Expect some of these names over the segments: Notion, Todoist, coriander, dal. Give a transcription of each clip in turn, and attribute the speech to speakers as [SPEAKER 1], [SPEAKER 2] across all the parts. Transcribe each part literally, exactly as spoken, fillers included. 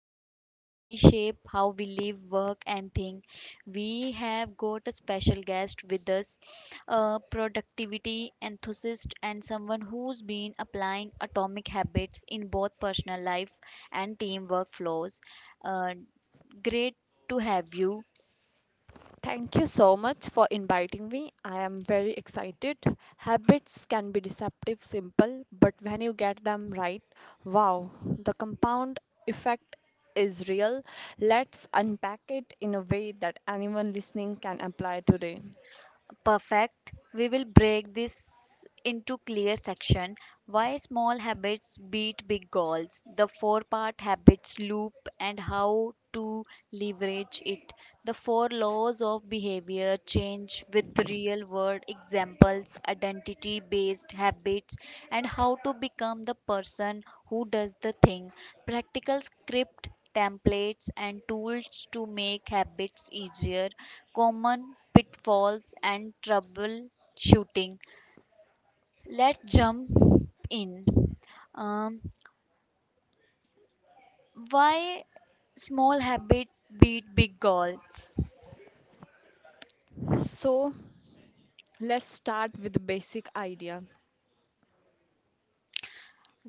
[SPEAKER 1] toolkit to reshape how we live, work, and think. We have got a special guest with us, a productivity enthusiast and someone who's been applying atomic habits in both personal life and teamwork flows. Uh, Great to have you.
[SPEAKER 2] Thank you so much for inviting me. I am very excited. Habits can be deceptive, simple, but when you get them right, wow, the compound effect is real. Let's unpack it in a way that anyone listening can apply today.
[SPEAKER 1] Perfect, we will break this into clear section: why small habits beat big goals, the four part habits loop and how to leverage it, the four laws of behavior change with real world examples, identity based habits and how to become the person who does the thing, practical script templates and tools to make habits easier, common pitfalls and troubleshooting. Let's jump in. Um, why small habit beat big goals?
[SPEAKER 2] So, let's start with the basic idea.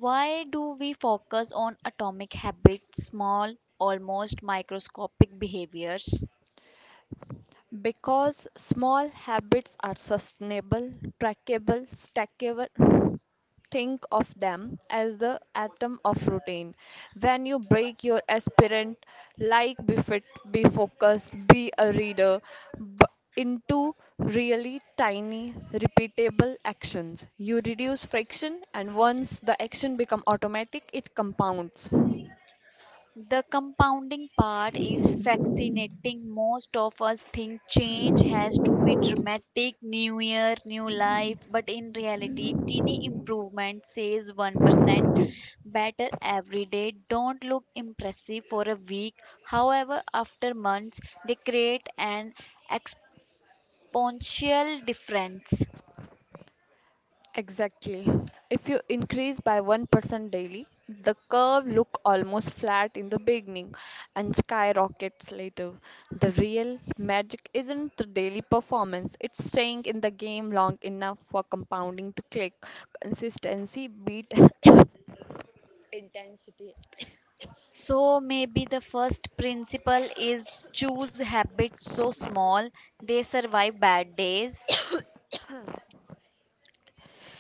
[SPEAKER 1] Why do we focus on atomic habits, small, almost microscopic behaviors?
[SPEAKER 2] Because small habits are sustainable, trackable, stackable. Think of them as the atom of routine. When you break your aspirant, like be fit, be focused, be a reader, b- into really tiny, repeatable actions, you reduce friction, and once the action become automatic, it compounds.
[SPEAKER 1] The compounding part is fascinating. Most of us think change has to be dramatic, new year, new life, but in reality, teeny improvement says one percent better every day don't look impressive for a week. However, after months, they create an exponential difference.
[SPEAKER 2] Exactly. If you increase by one percent daily, the curve look almost flat in the beginning and skyrockets later. The real magic isn't the daily performance, it's staying in the game long enough for compounding to click. Consistency beat intensity.
[SPEAKER 1] So maybe the first principle is choose habits so small they survive bad days.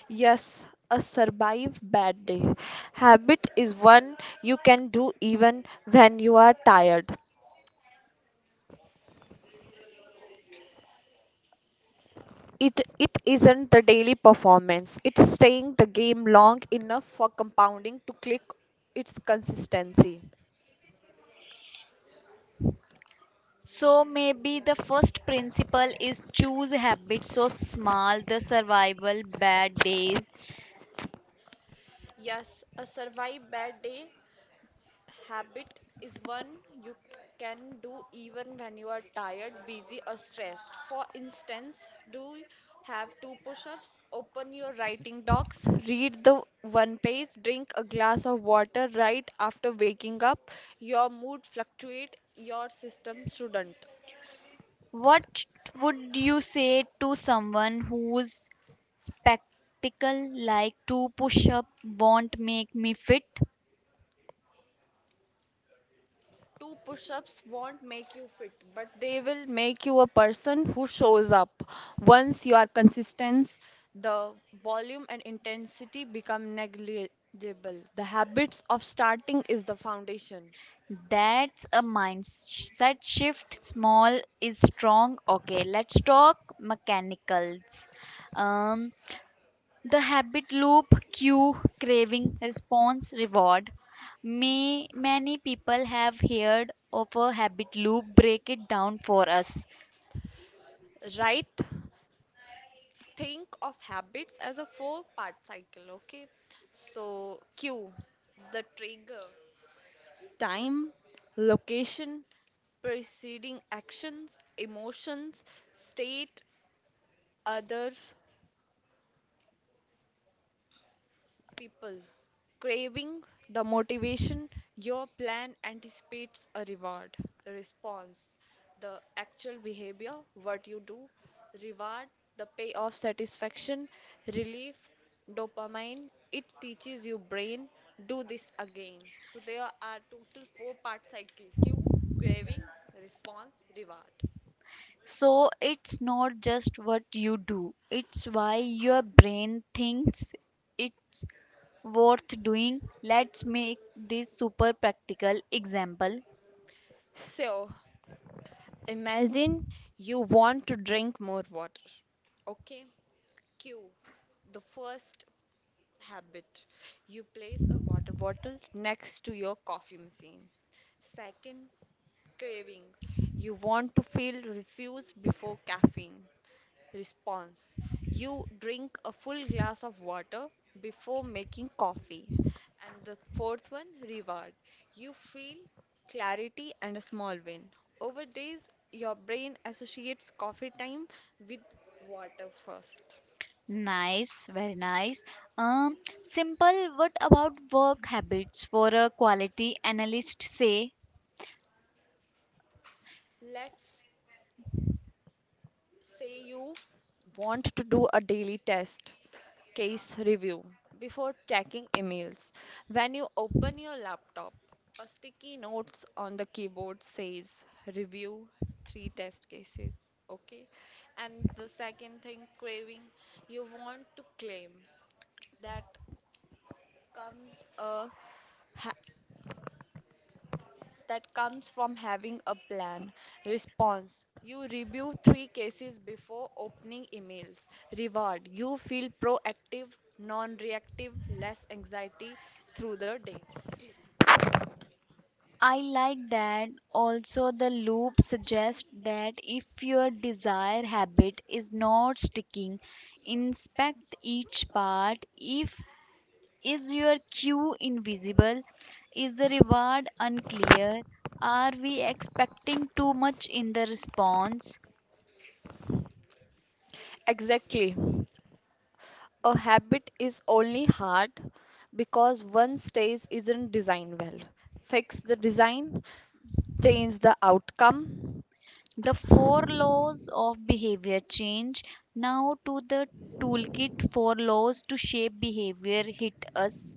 [SPEAKER 2] Yes, a survive bad day. Habit is one you can do even when you are tired. It it isn't the daily performance. It's staying the game long enough for compounding to click its consistency.
[SPEAKER 1] So maybe the first principle is choose habits so small the survival bad days.
[SPEAKER 2] Yes, a survive bad day habit is one you can do even when you are tired, busy, or stressed. For instance, do you have two push ups, open your writing docs, read the one page, drink a glass of water right after waking up. Your mood fluctuates, your system shouldn't.
[SPEAKER 1] What would you say to someone whose spectacle like two push up won't make me fit?
[SPEAKER 2] Two push ups won't make you fit, but they will make you a person who shows up. Once you are consistent, the volume and intensity become negligible. The habits of starting is the foundation,
[SPEAKER 1] That's a mindset shift. Small is strong. Okay, let's talk mechanicals. Um, The habit loop: cue, craving, response, reward. May, many people have heard of a habit loop. Break it down for us.
[SPEAKER 2] right? Think of habits as a four part cycle, okay? So, cue the trigger, time, location, preceding actions, emotions, state, other people, craving the motivation, your plan anticipates a reward, a response, the actual behavior, what you do, reward the payoff, satisfaction, relief, dopamine. It teaches your brain, do this again. So there are total four part cycle: cue, craving, response, reward.
[SPEAKER 1] So it's not just what you do, it's why your brain thinks it's worth doing. Let's make this super practical example.
[SPEAKER 2] So imagine you want to drink more water. Okay, Q. The first habit, you place a water bottle next to your coffee machine. Second, craving. You want to feel refused before caffeine. Response. You drink a full glass of water before making coffee. And the fourth one, reward. You feel clarity and a small win. Over days, your brain associates coffee time with water first.
[SPEAKER 1] Nice, very nice. Um, Simple. What about work habits for a quality analyst? Say,
[SPEAKER 2] Let's say you want to do a daily test case review before checking emails. When you open your laptop, a sticky notes on the keyboard says review three test cases. Okay, and the second thing, craving, you want to claim that comes a ha- that comes from having a plan. Response, you review three cases before opening emails. Reward, you feel proactive, non reactive, less anxiety through the day.
[SPEAKER 1] I like that also the loop suggests that if your desired habit is not sticking, inspect each part. If is your cue invisible? Is the reward unclear? Are we expecting too much in the response?
[SPEAKER 2] Exactly. A habit is only hard because one stage isn't designed well. Fix the design, change the outcome.
[SPEAKER 1] The four laws of behavior change. Now to the toolkit, four laws to shape behavior, hit us.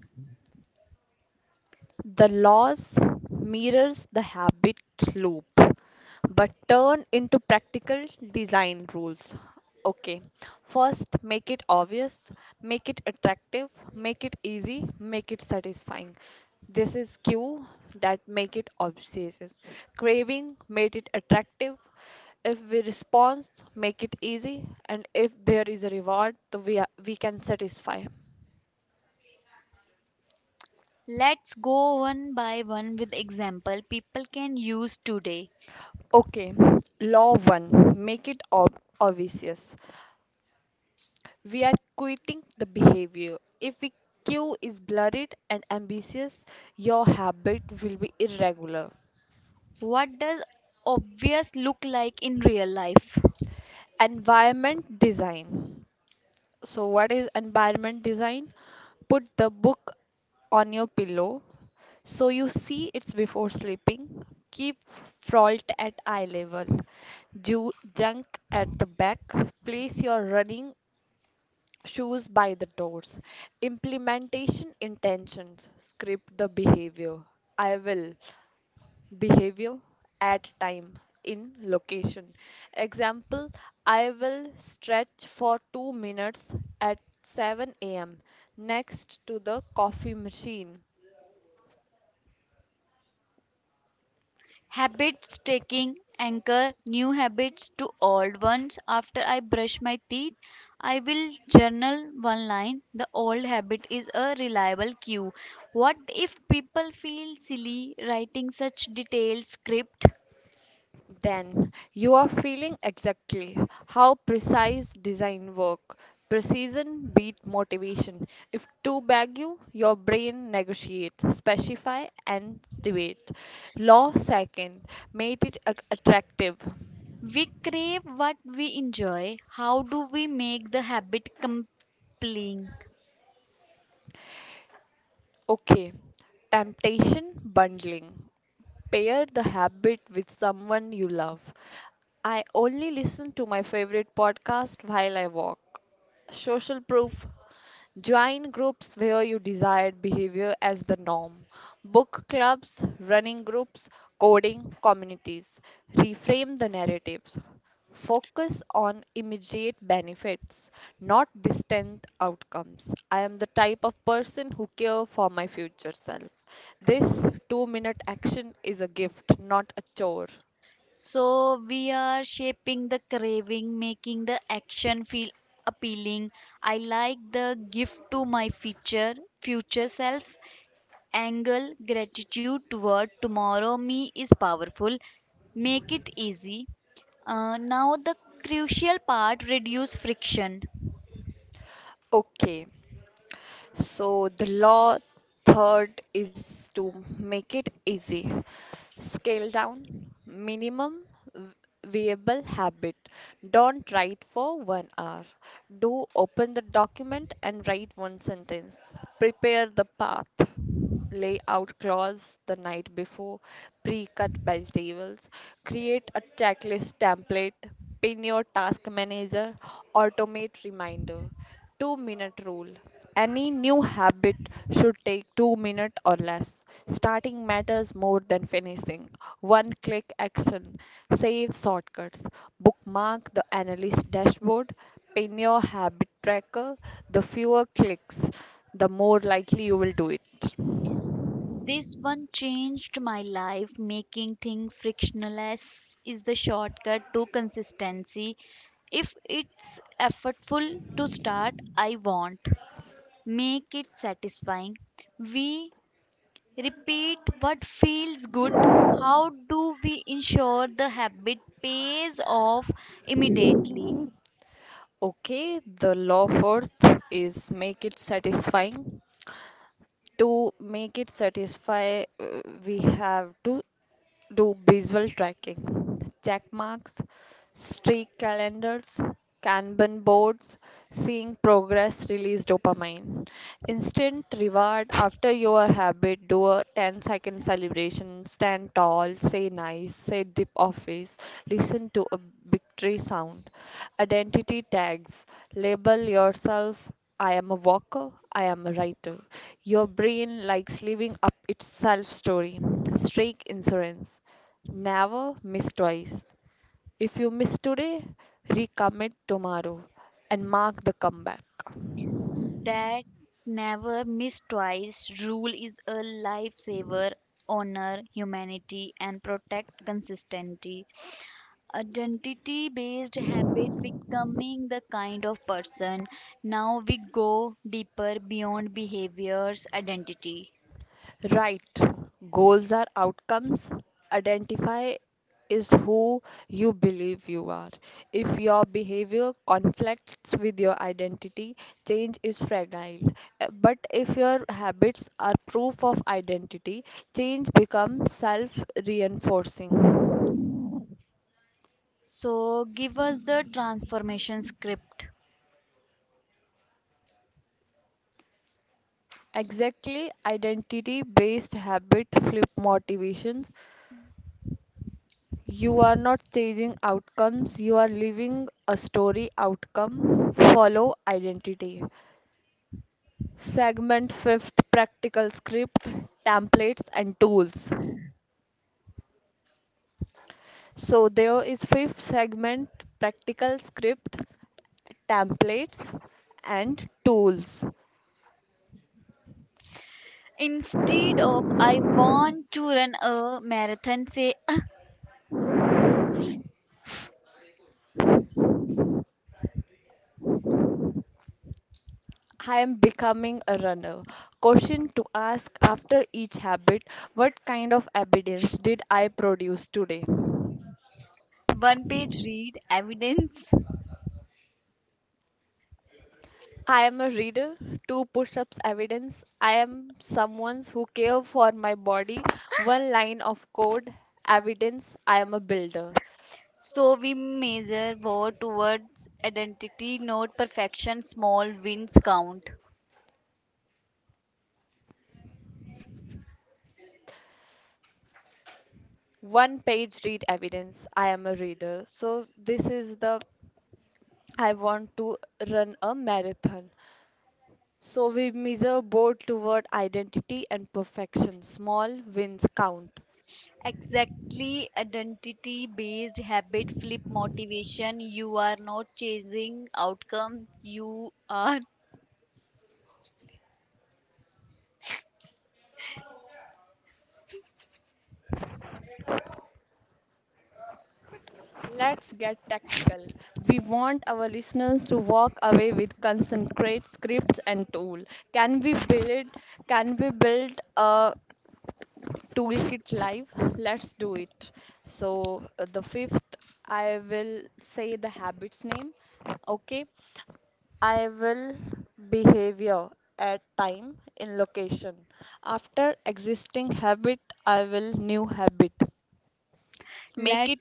[SPEAKER 2] The laws mirrors the habit loop but turn into practical design rules. Okay. First, make it obvious, make it attractive, make it easy, make it satisfying. This is cue, that make it obsessive. Craving, made it attractive. If we respond, make it easy, and if there is a reward, the we, are- we can satisfy.
[SPEAKER 1] Let's go one by one with example people can use today.
[SPEAKER 2] Okay, law one, make it ob- obvious. We are quitting the behavior. If the cue is blurred and ambiguous, your habit will be irregular.
[SPEAKER 1] What does obvious look like in real life?
[SPEAKER 2] Environment design. So, what is environment design? Put the book on your pillow so you see it's before sleeping. Keep fault at eye level. Ju- junk at the back. Place your running shoes by the doors. Implementation intentions, script the behavior. I will behavior at time in location. Example, I will stretch for two minutes at seven a m next to the coffee machine.
[SPEAKER 1] Habits taking, anchor new habits to old ones. After I brush my teeth, I will journal one line. The old habit is a reliable cue. What if people feel silly writing such detailed script?
[SPEAKER 2] Then you are feeling exactly how precise design work. Precision beat motivation. If two bag you, your brain negotiate, specify and debate. Law second, made it a- attractive.
[SPEAKER 1] We crave what we enjoy. How do we make the habit compelling?
[SPEAKER 2] Okay, temptation bundling. Pair the habit with someone you love. I only listen to my favorite podcast while I walk. Social proof. Join groups where you desired behavior as the norm. Book clubs, running groups, coding communities. Reframe the narratives. Focus on immediate benefits, not distant outcomes. I am the type of person who care for my future self. This two minute action is a gift, not a chore.
[SPEAKER 1] So we are shaping the craving, making the action feel appealing. I like the gift to my future future self. Angle gratitude toward tomorrow me is powerful. Make it easy. Uh, now the crucial part, reduce friction.
[SPEAKER 2] Okay, so the law third is to make it easy. Scale down, minimum v- viable habit. Don't write for one hour. Do open the document and write one sentence. Prepare the path. Lay out clause the night before, pre-cut vegetables, create a checklist template, pin your task manager, automate reminder. two minute rule. Any new habit should take two minutes or less. Starting matters more than finishing. One click action. Save shortcuts. Bookmark the analyst dashboard. Pin your habit tracker. The fewer clicks, the more likely you will do it.
[SPEAKER 1] This one changed my life. Making things frictionless is the shortcut to consistency. If it's effortful to start, I want. Make it satisfying. We repeat what feels good. How do we ensure the habit pays off immediately?
[SPEAKER 2] Okay, the law fourth is make it satisfying. To make it satisfy, uh, we have to do visual tracking, check marks, streak calendars, Kanban boards. Seeing progress release dopamine. Instant reward after your habit, do a ten second celebration, stand tall, say nice, say dip office, listen to a victory sound. Identity tags, label yourself, I am a walker, I am a writer. Your brain likes living up its self story. Strike insurance. Never miss twice. If you miss today, recommit tomorrow and mark the comeback.
[SPEAKER 1] That never miss twice rule is a lifesaver. Honor humanity and protect consistency. Identity based habit, becoming the kind of person. Now we go deeper beyond behaviors, identity.
[SPEAKER 2] Right. Goals are outcomes. Identify is who you believe you are. If your behavior conflicts with your identity, change is fragile. Uh, But if your habits are proof of identity, change becomes self reinforcing.
[SPEAKER 1] So give us the transformation script.
[SPEAKER 2] Exactly, identity based habit flip motivations. You are not chasing outcomes, you are living a story. Outcome follow identity. Segment fifth, practical script, templates, and tools. So there is fifth segment, practical script, templates, and tools.
[SPEAKER 1] Instead of I want to run a marathon, say
[SPEAKER 2] I am becoming a runner. Question to ask after each habit, what kind of evidence did I produce today?
[SPEAKER 1] one page read, evidence.
[SPEAKER 2] I am a reader, two push-ups evidence. I am someone who care for my body, one line of code evidence. I am a builder,
[SPEAKER 1] So we measure worth towards identity, not perfection. Small wins count.
[SPEAKER 2] one page read evidence. I am a reader. So this is the, I want to run a marathon. So we measure both toward identity and perfection. Small wins count.
[SPEAKER 1] Exactly, identity based habit flip motivation. You are not chasing outcome, you are
[SPEAKER 2] Let's get tactical. We want our listeners to walk away with concentrate scripts and tool. Can we build can we build a toolkit live? Let's do it. So uh, the fifth, I will say the habits name. Okay. I will behavior at time in location. After existing habit, I will new habit. Make
[SPEAKER 1] let
[SPEAKER 2] it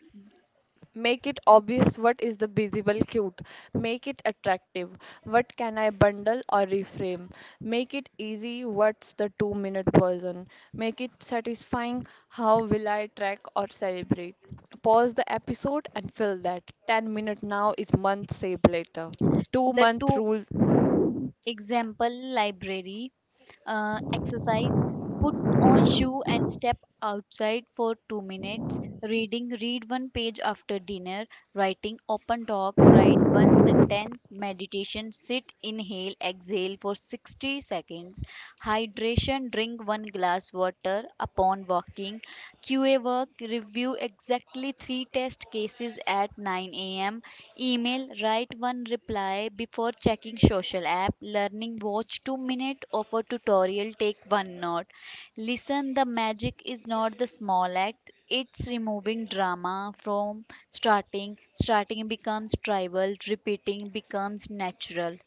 [SPEAKER 2] Make it obvious, what is the visible cute. Make it attractive. What can I bundle or reframe? Make it easy. What's the two minute version? Make it satisfying. How will I track or celebrate? Pause the episode and fill that. ten minute now is month saved later. 2
[SPEAKER 1] the
[SPEAKER 2] month
[SPEAKER 1] two.
[SPEAKER 2] rule.
[SPEAKER 1] Example library, uh, exercise, put on shoe and step outside for two minutes. Reading, read one page after dinner. Writing, open talk, write one sentence. Meditation, sit, inhale, exhale for sixty seconds. Hydration, drink one glass water upon walking. QA work, review exactly three test cases at nine a.m. Email, write one reply before checking social app. Learning, watch two minute of a tutorial. Take one note. Listen, the magic is not the small act. It's removing drama from starting. Starting becomes tribal. Repeating becomes natural.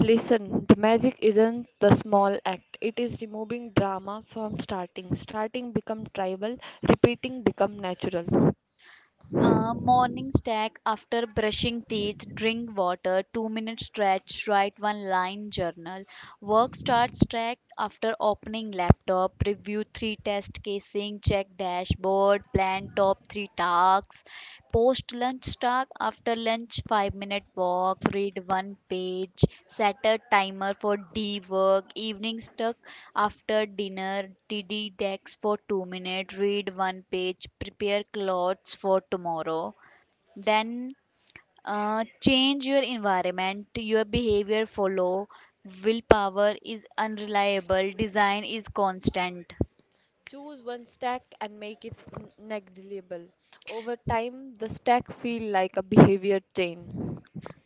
[SPEAKER 2] Listen, the magic isn't the small act. It is removing drama from starting. Starting become tribal, repeating become natural.
[SPEAKER 1] Uh, morning stack, after brushing teeth, drink water, two minute stretch, write one line journal. Work start stack, after opening laptop, review three test casing, check dashboard, plan top three tasks. Post lunch stack, after lunch, five minute walk, read one page, set a timer for D work. Evening stack, after dinner, Didi decks for two minutes, read one page, prepare clothes for tomorrow. Then uh, change your environment, your behavior follow. Willpower is unreliable, design is constant.
[SPEAKER 2] Choose one stack and make it n- negligible. Over time, the stack feel like a behavior train.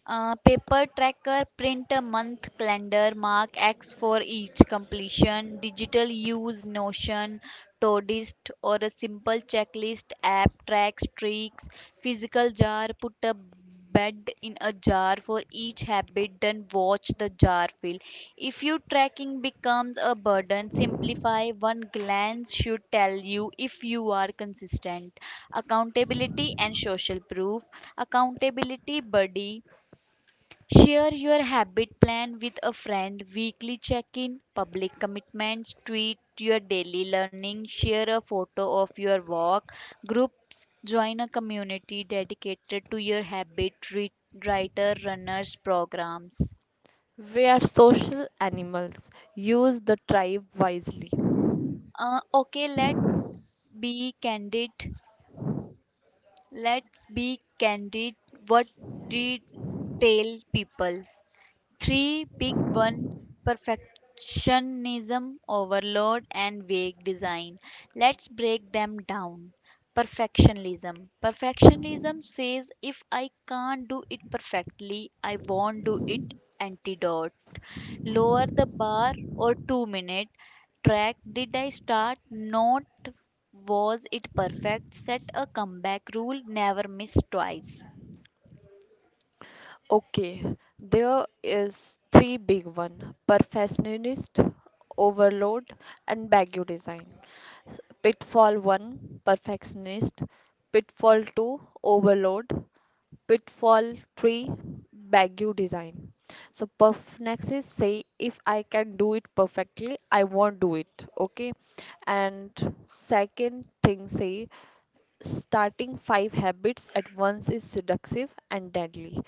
[SPEAKER 1] Uh, paper tracker, print a month calendar, mark X for each completion. Digital, use Notion, Todoist, or a simple checklist app, tracks streaks. Physical jar, put a bed in a jar for each habit, then watch the jar fill. If your tracking becomes a burden, simplify. One glance should tell you if you are consistent. Accountability and social proof. Accountability buddy, share your habit plan with a friend, weekly check in. Public commitments, tweet your daily learning, share a photo of your walk. Groups, join a community dedicated to your habit, re- writer, runners programs.
[SPEAKER 2] We are social animals. Use the tribe wisely.
[SPEAKER 1] Uh, okay, let's be candid. Let's be candid. What did tell people? Three big one: perfectionism, overload, and vague design. Let's break them down. Perfectionism. Perfectionism says, if I can't do it perfectly, I won't do it. Antidote, lower the bar or two minute track. Did I start? Not was it perfect. Set a comeback rule. Never miss twice.
[SPEAKER 2] Okay, there is three big one: perfectionist, overload, and baggy design. Pitfall one: perfectionist. Pitfall two: overload. Pitfall three: baggy design. So perfectionists say, if I can do it perfectly, I won't do it. Okay, and second thing say, starting five habits at once is seductive and deadly.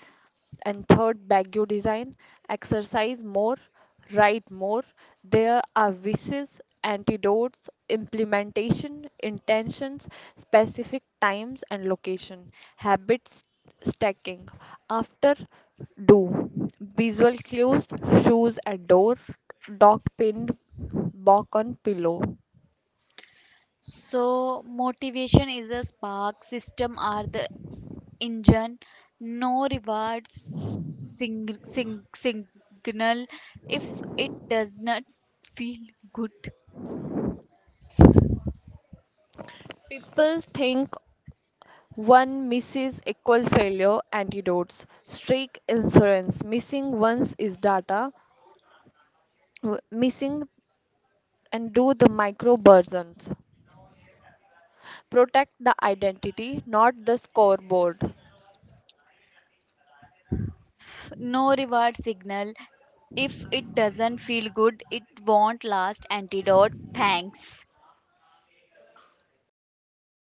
[SPEAKER 2] And third, Baguio design, exercise more, write more. There are vices, antidotes, implementation, intentions, specific times and location. Habits stacking. After do, visual clues, shoes at door, dog pinned back on pillow.
[SPEAKER 1] So, motivation is a spark, system are the engine, no reward sing, sing, signal if it does not feel good.
[SPEAKER 2] People think one misses equal failure antidotes. Streak insurance. Missing once is data. W- missing and do the micro versions. Protect the identity, not the scoreboard.
[SPEAKER 1] No reward signal if it doesn't feel good, it won't last. Antidote, thanks.